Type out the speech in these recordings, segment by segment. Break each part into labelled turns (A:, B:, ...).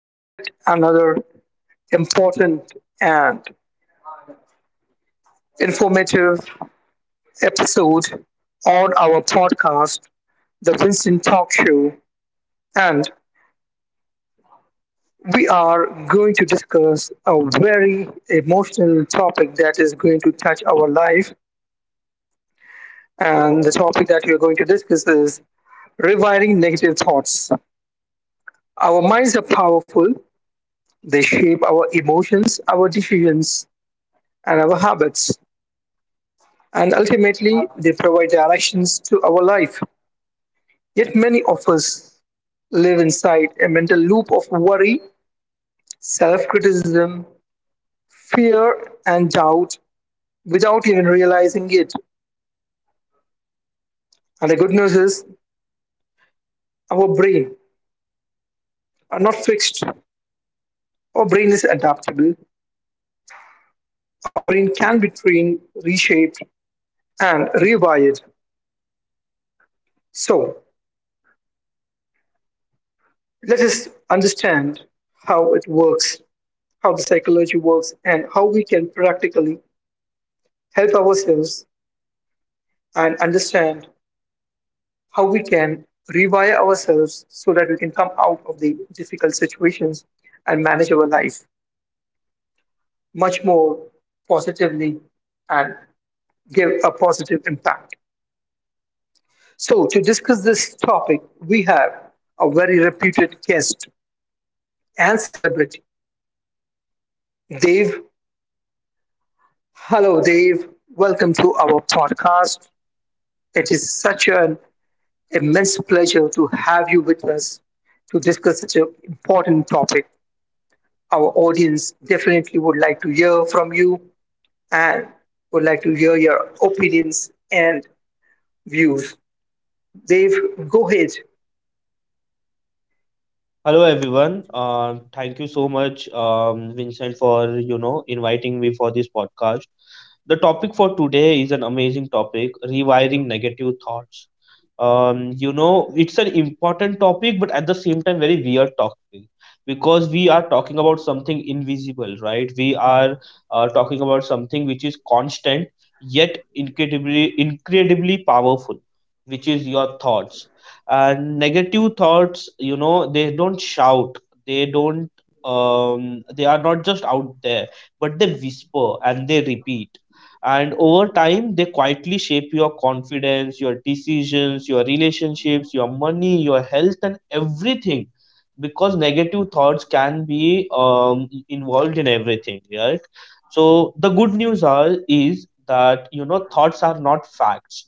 A: to yet another important and informative episode on our podcast, The Winston Talk Show. And we are going to discuss a very emotional topic that is going to touch our life. And the topic that we are going to discuss is rewiring negative thoughts. Our minds are powerful. They shape our emotions, our decisions, and our habits, and ultimately they provide directions to our life. Yet many of us live inside a mental loop of worry, self criticism, fear, and doubt without even realizing it. And the good news is our brain are not fixed. Our brain is adaptable. Our brain can be trained, reshaped, and rewired. So let us understand how it works, how the psychology works, and how we can practically help ourselves and understand how we can rewire ourselves so that we can come out of the difficult situations and manage our life much more positively and give a positive impact. So, to discuss this topic, we have a very reputed guest and celebrity, Dave. Hello, Dave. Welcome to our podcast. It is such an immense pleasure to have you with us to discuss such an important topic. Our audience definitely would like to hear from you and would like to hear your opinions and views. Dave, go ahead.
B: Hello everyone. Thank you so much, Vincent, for inviting me for this podcast. The topic for today is an amazing topic: rewiring negative thoughts. Um, you know, it's an important topic, but at the same time, very weird topic because we are talking about something invisible, right? We are talking about something which is constant yet incredibly, incredibly powerful, which is your thoughts, negative thoughts. They don't shout, they don't, they are not just out there, but they whisper and they repeat, and over time they quietly shape your confidence, your decisions, your relationships, your money, your health, and everything, because negative thoughts can be, involved in everything, right? So the good news are is that, thoughts are not facts,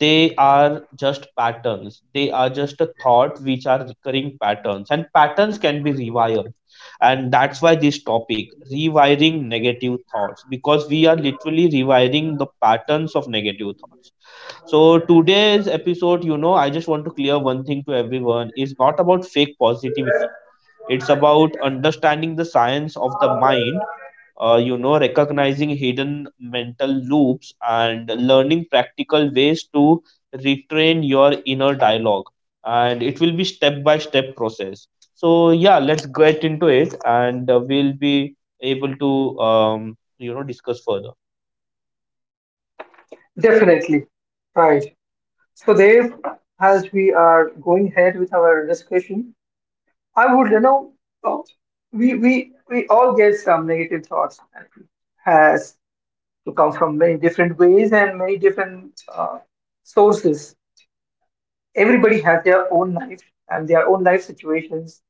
B: they are just patterns. They are just a thought which are recurring patterns, and patterns can be rewired. And that's why this topic, rewiring negative thoughts, because we are literally rewiring the patterns of negative thoughts. So, today's episode, I just want to clear one thing to everyone is not about fake positivity, it's about understanding the science of the mind, recognizing hidden mental loops and learning practical ways to retrain your inner dialogue. And it will be step by step process. So yeah, let's get into it, and we'll be able to discuss further.
A: Definitely. Right. So, Dave, as we are going ahead with our discussion, I would, you know, oh, we all get some negative thoughts and has to come from many different ways and many different sources. Everybody has their own life and their own life situations.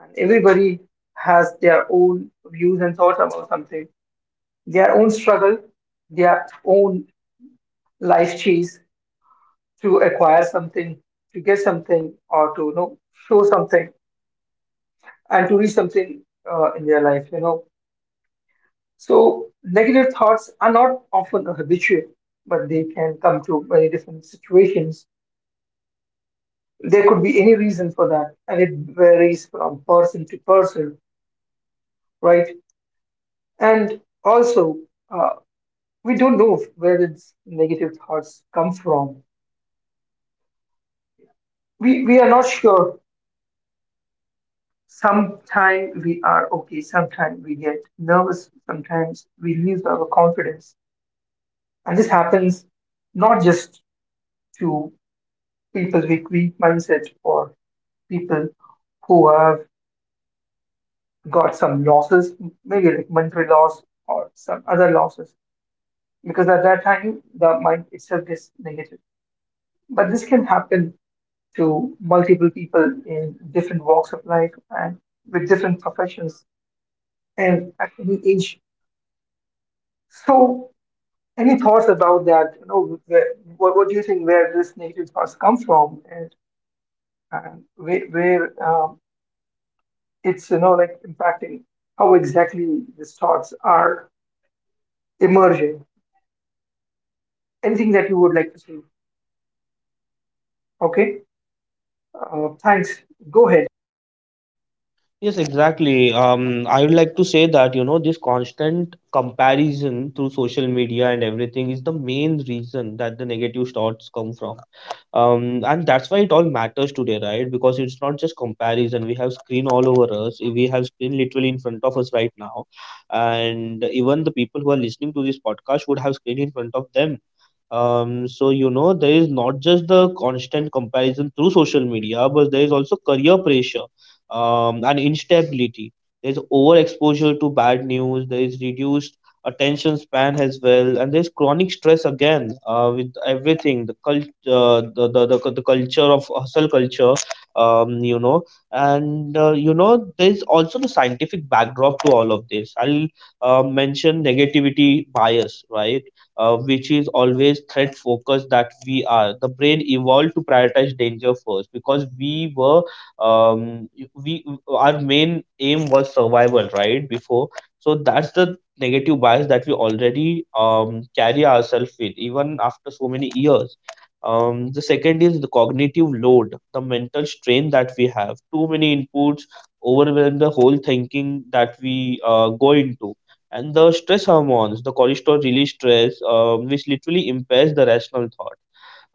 A: And everybody has their own views and thoughts about something, their own struggle, their own life chase to acquire something, to get something, or to you know show something and to reach something in their life. You know, so negative thoughts are not often habitual, but they can come to very different situations. There could be any reason for that, and it varies from person to person, right? And also, uh, we don't know where its negative thoughts come from. We are not sure. Sometimes we are okay, sometimes we get nervous, sometimes we lose our confidence. And this happens not just to people with weak mindset or people who have got some losses, maybe like monetary loss or some other losses, because at that time the mind itself is negative. But this can happen to multiple people in different walks of life and with different professions and at any age. So, any thoughts about that? You know, where, what do you think where this negative thoughts come from, and where, where it's you know like impacting how exactly these thoughts are emerging? Anything that you would like to say? Okay, thanks. Go ahead.
B: Yes, exactly. I would like to say that, this constant comparison through social media and everything is the main reason that the negative thoughts come from. And that's why it all matters today, right? Because it's not just comparison. We have screen all over us. We have screen literally in front of us right now. And even the people who are listening to this podcast would have screen in front of them. There is not just the constant comparison through social media, but there is also career pressure, and instability. There's overexposure to bad news. There is reduced attention span as well, and there's chronic stress again, with everything. The cult, the culture of hustle culture, um, you know, there's also the scientific backdrop to all of this. I'll mention negativity bias, right? Which is always threat focused, that we are the brain evolved to prioritize danger first, because we our main aim was survival, right, before. So that's the negative bias that we already carry ourselves with even after so many years. The second is the cognitive load, the mental strain that we have too many inputs, overwhelm the whole thinking that we go into. And the stress hormones, the cortisol release stress, which literally impairs the rational thought.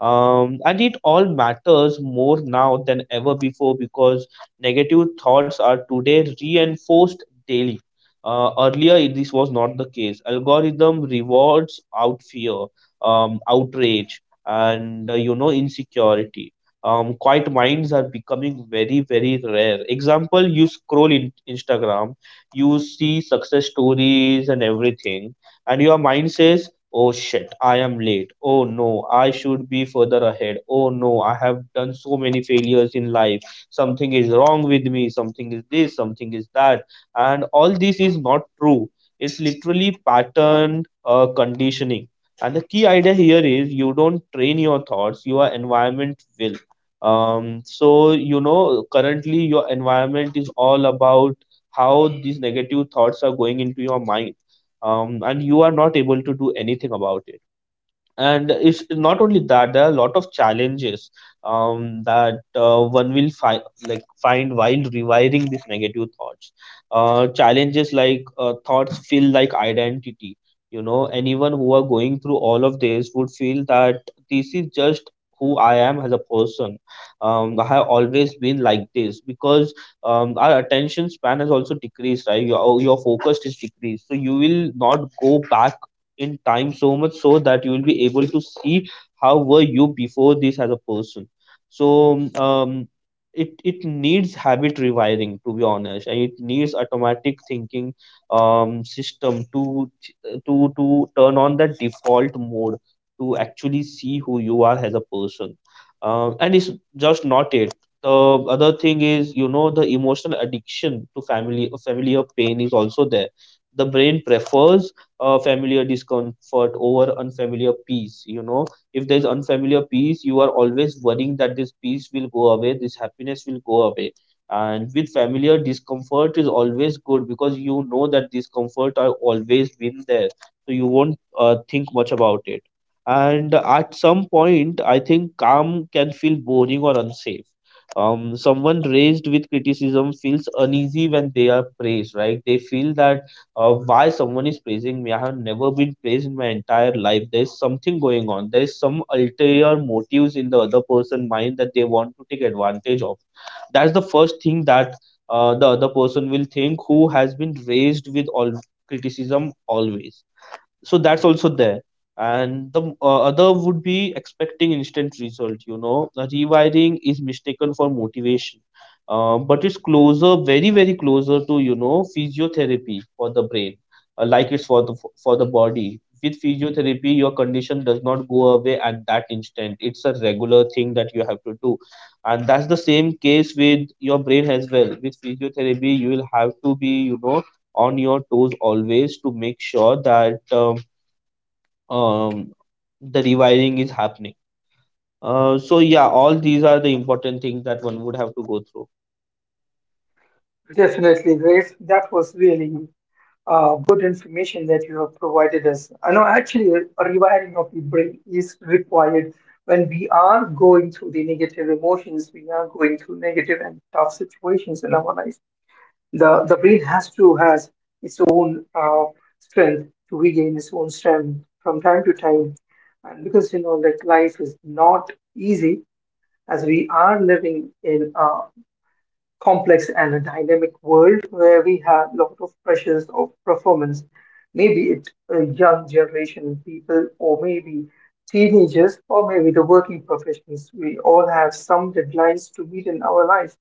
B: And it all matters more now than ever before because negative thoughts are today reinforced daily. Earlier, this was not the case. Algorithm rewards out fear, outrage, and insecurity. Quiet minds are becoming very, very rare. Example: you scroll in Instagram, you see success stories and everything, and your mind says, oh shit, I am late. Oh no, I should be further ahead. Oh no, I have done so many failures in life. Something is wrong with me. Something is this, something is that. And all this is not true. It's literally patterned conditioning. And the key idea here is, you don't train your thoughts, your environment will. Currently your environment is all about how these negative thoughts are going into your mind, and you are not able to do anything about it. And it's not only that, there are a lot of challenges that one will find like find while rewiring these negative thoughts. Challenges like, thoughts feel like identity. Anyone who are going through all of this would feel that this is just who I am as a person. I have always been like this, because our attention span has also decreased, right? Your focus is decreased, so you will not go back in time so much so that you will be able to see how were you before this as a person. So um it it needs habit rewiring, to be honest, and it needs automatic thinking um system to ch- to turn on the default mode, to actually see who you are as a person. And it's just not it. The other thing is, the emotional addiction to family familiar pain is also there. The brain prefers, familiar discomfort over unfamiliar peace. If there's unfamiliar peace, you are always worrying that this peace will go away, this happiness will go away. And with familiar discomfort is always good, because you know that discomfort are always been there, so you won't think much about it. And at some point I think calm can feel boring or unsafe. Someone raised with criticism feels uneasy when they are praised, right? They feel that, why someone is praising me? I have never been praised in my entire life. There's something going on. There's some ulterior motives in the other person's mind that they want to take advantage of. That's the first thing that the other person will think, who has been raised with all criticism always. So that's also there. And the other would be expecting instant result. The rewiring is mistaken for motivation, but it's closer, very very closer to, physiotherapy for the brain. Like it's for the body, with physiotherapy, your condition does not go away at that instant, it's a regular thing that you have to do. And that's the same case with your brain as well. With physiotherapy you will have to be, on your toes always, to make sure that, um, the rewiring is happening. So yeah, all these are the important things that one would have to go through.
A: Definitely, Grace. That was really good information that you have provided us. I know actually a rewiring of the brain is required when we are going through the negative emotions, we are going through negative and tough situations in our life. The brain has to has its own strength to regain its own strength from time to time, and because you know that life is not easy as we are living in a complex and a dynamic world where we have a lot of pressures of performance. Maybe it a young generation people, or maybe teenagers, or maybe the working professionals. We all have some deadlines to meet in our life,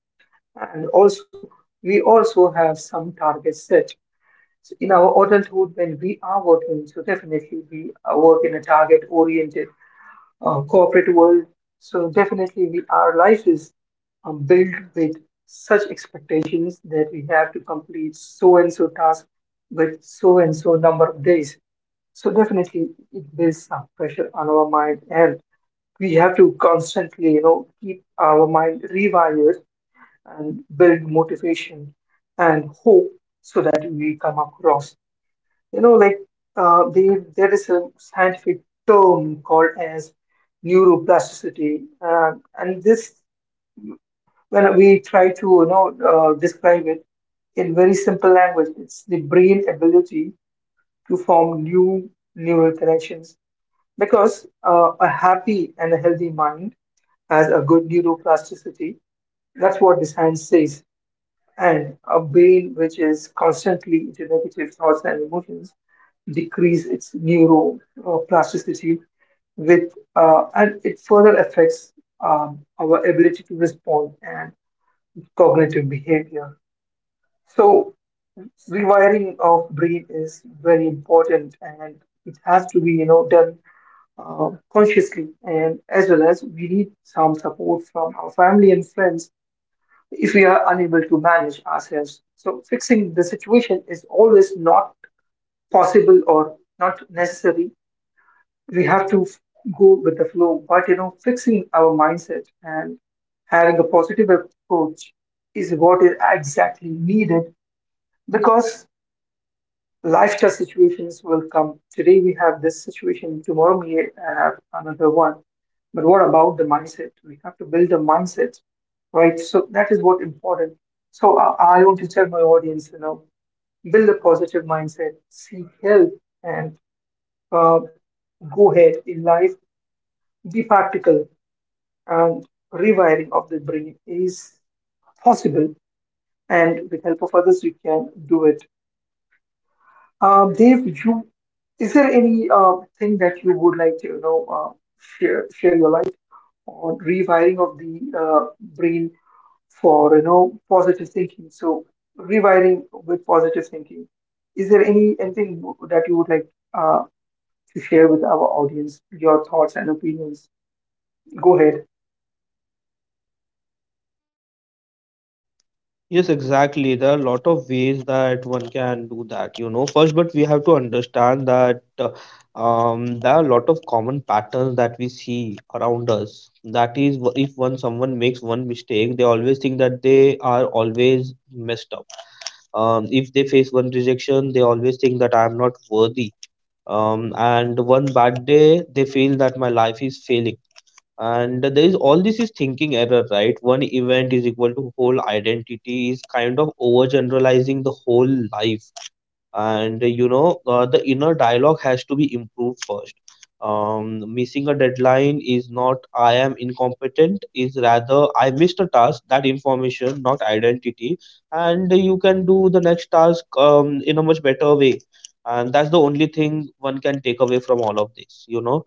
A: and also we also have some targets set. So in our adulthood, when we are working, so definitely we are work in a target-oriented corporate world. So definitely, we our life is built with such expectations that we have to complete so and so task with so and so number of days. So definitely, it builds some pressure on our mind, and we have to constantly, you know, keep our mind rewired and build motivation and hope so that we come across you know like there is a scientific term called as neuroplasticity, and this when we try to you know describe it in very simple language, it's the brain ability to form new neural connections, because a happy and a healthy mind has a good neuroplasticity. That's what the science says. And a brain which is constantly into negative thoughts and emotions decrease its neuroplasticity with, and it further affects our ability to respond and cognitive behavior. So rewiring of brain is very important, and it has to be you know done consciously and as well as we need some support from our family and friends. If we are unable to manage ourselves, so fixing the situation is always not possible or not necessary. We have to go with the flow, but you know fixing our mindset and having a positive approach is what is exactly needed. Because lifestyle situations will come, today we have this situation, tomorrow we have another one. But what about the mindset? We have to build a mindset, right? So that is what important. So I want to tell my audience, you know, build a positive mindset, seek help, and uh, go ahead in life, be practical, and rewiring of the brain is possible, and with help of others we can do it. Dave, you, is there any thing that you would like to you know share your light on rewiring of the brain for you know positive thinking, so rewiring with positive thinking, is there any anything that you would like uh, to share with our audience, your thoughts and opinions? Go ahead.
B: Yes, exactly. There are a lot of ways that one can do that, you know. First, but we have to understand that, there are a lot of common patterns that we see around us. That is, if one someone makes one mistake, they always think that they are always messed up. If they face one rejection, they always think that I am not worthy. And one bad day they feel that my life is failing, and there is all this is thinking error, right? One event is equal to whole identity is kind of overgeneralizing the whole life. And the inner dialogue has to be improved first. Missing a deadline is not I am incompetent, is rather I missed a task, that information not identity. And you can do the next task in a much better way, and that's the only thing one can take away from all of this, you know.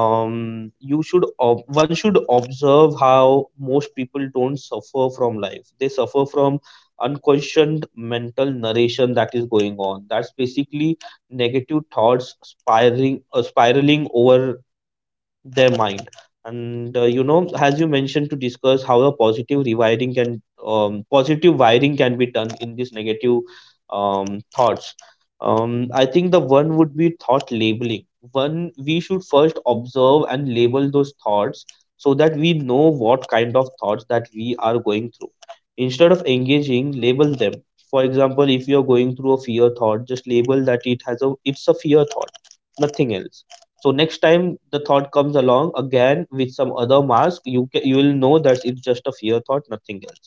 B: One should observe how most people don't suffer from life, they suffer from unquestioned mental narration that is going on. That's basically negative thoughts spiraling, spiraling over their mind. And as you mentioned, to discuss how a positive rewiring can, positive wiring can be done in these negative, thoughts. I think the one would be thought labeling. One, we should first observe and label those thoughts, so that we know what kind of thoughts that we are going through. Instead of engaging, label them. For example, if you are going through a fear thought, just label that it's a fear thought, nothing else. So next time the thought comes along again with some other mask, you will know that it's just a fear thought, nothing else.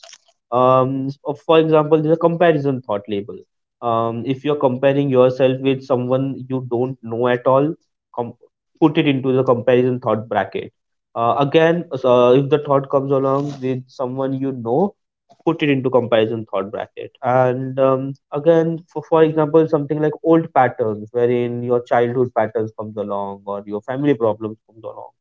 B: For example, there's a comparison thought label. If you're comparing yourself with someone you don't know at all, com- put it into the comparison thought bracket. Again, so if the thought comes along with someone you know, put it into comparison thought bracket. And again, for example, something like old patterns, wherein your childhood patterns comes along or your family problems comes along.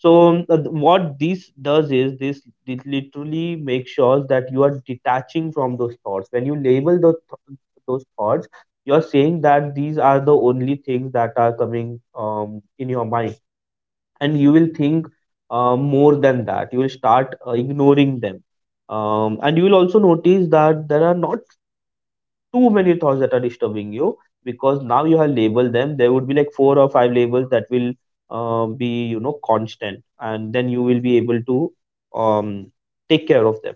B: So what this does is this literally makes sure that you are detaching from those thoughts. When you label those thoughts, you're saying that these are the only things that are coming, in your mind, and you will think more than that. You will start ignoring them. And you will also notice that there are not too many thoughts that are disturbing you, because now you have labeled them. There would be like 4 or 5 labels that will be, you know, constant, and then you will be able to um, take care of them.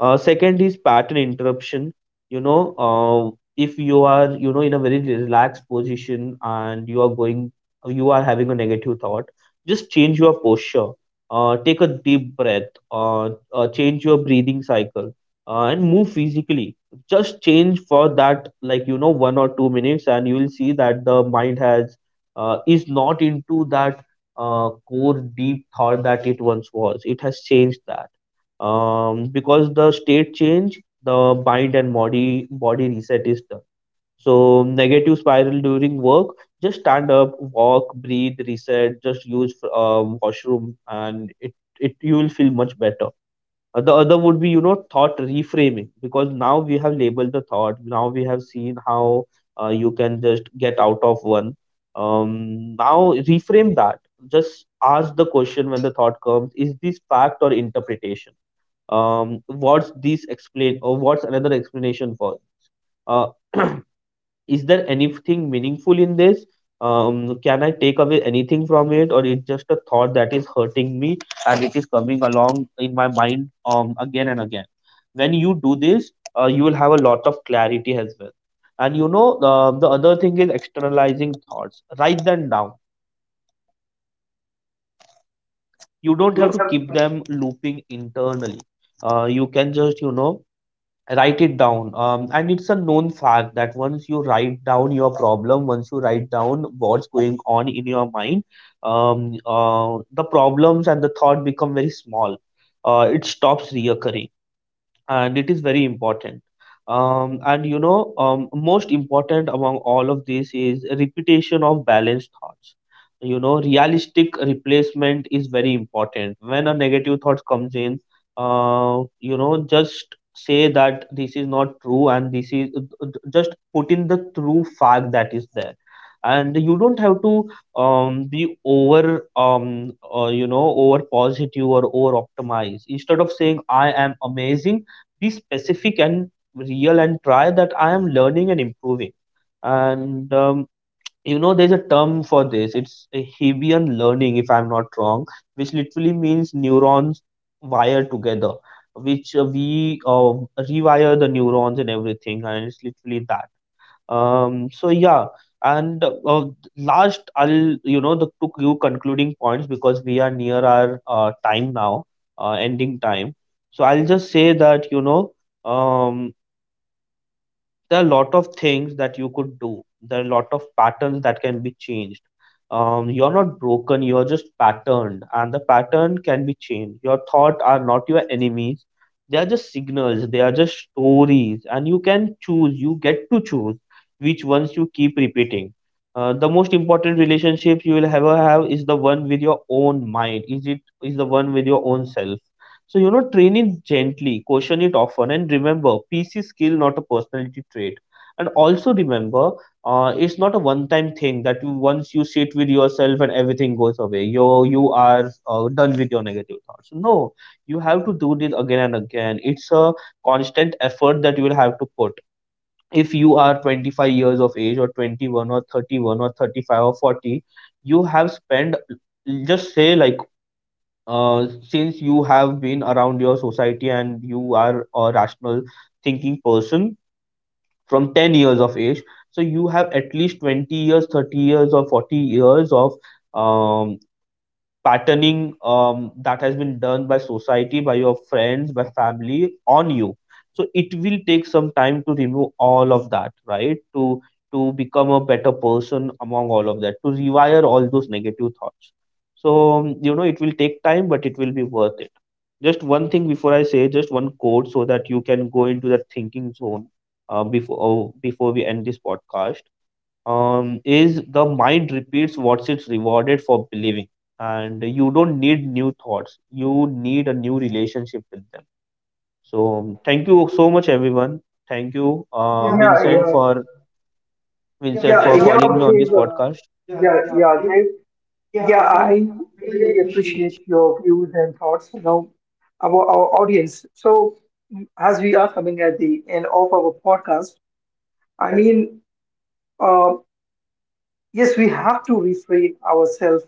B: Second is pattern interruption. You know, if you are, you know, in a very relaxed position and you are going, you are having a negative thought, just change your posture. Take a deep breath. Uh, change your breathing cycle. And move physically. Just change for that, like you know, 1 or 2 minutes, and you will see that the mind has is not into that core deep thought that it once was. It has changed that because the state change, the mind and body reset is done. So negative spiral during work, just stand up, walk, breathe, reset. Just use washroom, and it, you will feel much better. The other would be, you know, thought reframing, because now we have labeled the thought. Now we have seen how you can just get out of one. Now reframe that. Just ask the question when the thought comes: is this fact or interpretation? What's this explain, or what's another explanation for uh, is there anything meaningful in this? Can I take away anything from it, or it's just a thought that is hurting me and it is coming along in my mind again and again? When you do this, you will have a lot of clarity as well. And you know, the other thing is externalizing thoughts. Write them down, you
A: You
B: don't have
A: don't
B: to
A: have.
B: keep them looping internally. You can just, you know, write it down. And it's a known fact that once you write down your problem, once you write down what's going on in your mind, the problems and the thought become very small. Uh, it stops reoccurring, and it is very important. And you know, most important among all of this is repetition of balanced thoughts. You know, realistic replacement is very important. When a negative thought comes in, you know, just say that this is not true, and this is, just put in the true fact that is there. And you don't have to be over, you know, over positive or over optimized. Instead of saying I am amazing, be specific and real, and try that I am learning and improving. And you know, there's a term for this. It's a Hebbian learning, if I'm not wrong, which literally means neurons wire together, which we rewire the neurons and everything, and it's literally that. So yeah, and last I'll, you know, the took you concluding points, because we are near our time now, ending time. So I'll just say that, you know, um there are a lot of things that you could do. There are a lot of patterns that can be changed. You're not broken, you're just patterned, and the pattern can be changed. Your thoughts are not your enemies, they are just signals, they are just stories, and you can choose, you get to choose which ones you keep repeating. The most important relationships you will ever have is the one with your own mind. Is it is the one with your own self. So, you know, train it gently, caution it often, and remember PC skill, not a personality trait. And also remember, it's not a one time thing that you, once you sit with yourself and everything goes away, you are done with your negative thoughts. No, you have to do this again and again. It's a constant effort that you will have to put. If you are 25 years of age, or 21, or 31, or 35, or 40, you have spent, just say like, since you have been around your society and you are a rational thinking person, from 10 years of age, so you have at least 20 years, 30 years, or 40 years of um, patterning, that has been done by society, by your friends, by family on you. So it will take some time to remove all of that, right? To become a better person among all of that, to rewire all those negative thoughts. So you know, it will take time, but it will be worth it. Just one thing before I say, just one quote, so that you can go into that thinking zone before we end this podcast. Is the mind repeats what it's rewarded for believing, and you don't need new thoughts, you need a new relationship with them. So thank you so much everyone. Thank you, yeah, yeah,
A: Yeah,
B: vincent, yeah,
A: yeah.
B: for, yeah,
A: Yeah,
B: vincent for, exactly,
A: right, yeah,
B: calling me on this,
A: Dave,
B: Podcast, yeah, yeah,
A: yeah,
B: Dave.
A: Dave.
B: Yeah,
A: Yeah,
B: I
A: I
B: really
A: really
B: appreciate you.
A: appreciate your views and thoughts, you know, about our audience. So, as we are coming at the end of our podcast, I mean, uh, yes, we have to refrain ourselves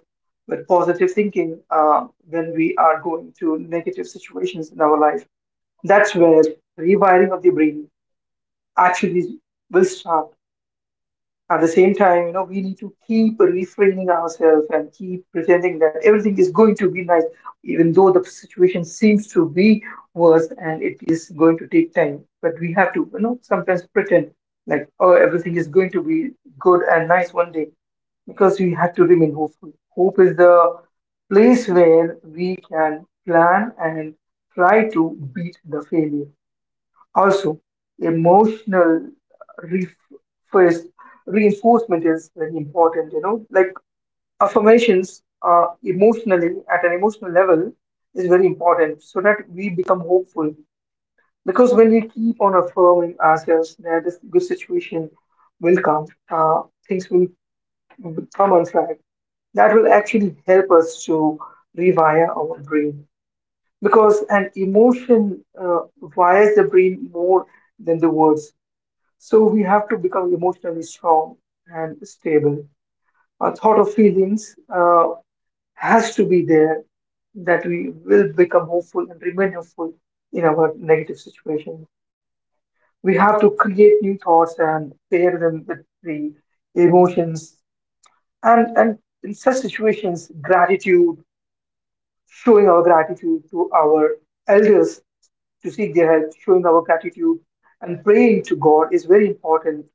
A: with positive thinking when we are going to negative situations in our life. That's where rewiring of the brain actually will start. At the same time, you know, we need to keep refraining ourselves and keep pretending that everything is going to be nice, even though the situation seems to be worse and it is going to take time. But we have to, you know, sometimes pretend like, oh, everything is going to be good and nice one day, because we have to remain hopeful. Hope is the place where we can plan and try to beat the failure. Also, emotional ref- first reinforcement is very important. You know, like affirmations, emotionally at an emotional level is very important, so that we become hopeful. Because when we keep on affirming ourselves that this good situation will come, uh, things will come on track. That will actually help us to rewire our brain, because an emotion wires the brain more than the words. So we have to become emotionally strong and stable. A thought of feelings has to be there, that we will become hopeful and remain hopeful in our negative situation. We have to create new thoughts and pair them with the emotions. And in such situations, gratitude, showing our gratitude to our elders to seek their help, showing our gratitude and praying to God is very important.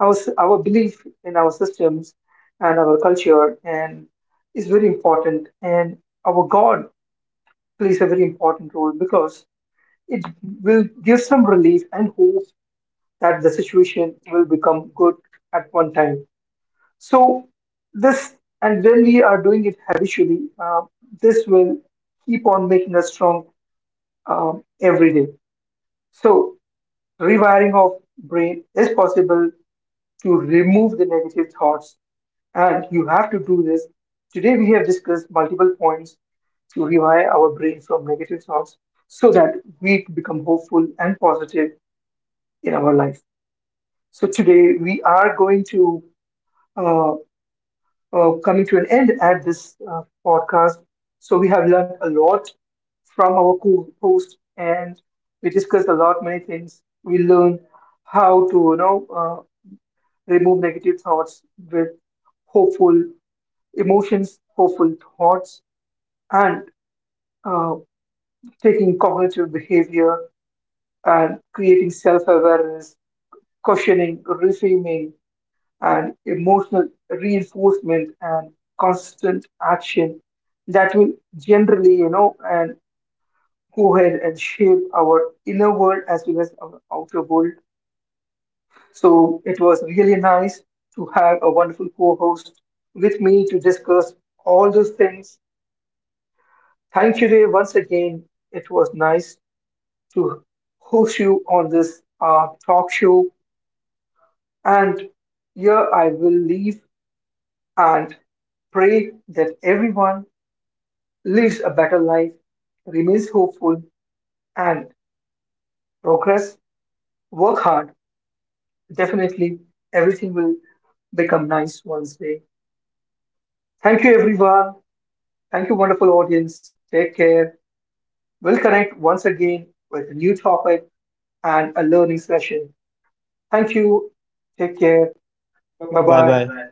A: Our belief in our systems and our culture and is very important, and our god plays a very important role, because it will give some relief and hope that the situation will become good at one time. So this, and when we are doing it habitually, this will keep on making us strong every day. So rewiring of brain is possible to remove the negative thoughts. And you have to do this. Today, we have discussed multiple points to rewire our brain from negative thoughts so that we become hopeful and positive in our life. So, today, we are going to uh, coming to an end at this podcast. So, we have learned a lot from our co host and we discussed a lot many things. We learned how to, you know, remove negative thoughts with hopeful emotions, hopeful thoughts, and uh, taking cognitive behavior and creating self awareness, questioning, reframing, and emotional reinforcement and constant action that will generally, you know, and go ahead and shape our inner world as well as our outer world. So it was really nice to have a wonderful co host with me to discuss all those things. Thank you, Ray, once again. It was nice to host you on this talk show. And here I will leave and pray that everyone lives a better life, remains hopeful, and progress. Work hard. Definitely, everything will become nice one day. Thank you, everyone. Thank you, wonderful audience. Take care. We'll connect once again with a new topic and a learning session. Thank you. Take care.
B: Bye
A: Bye
B: bye, bye bye.
A: bye.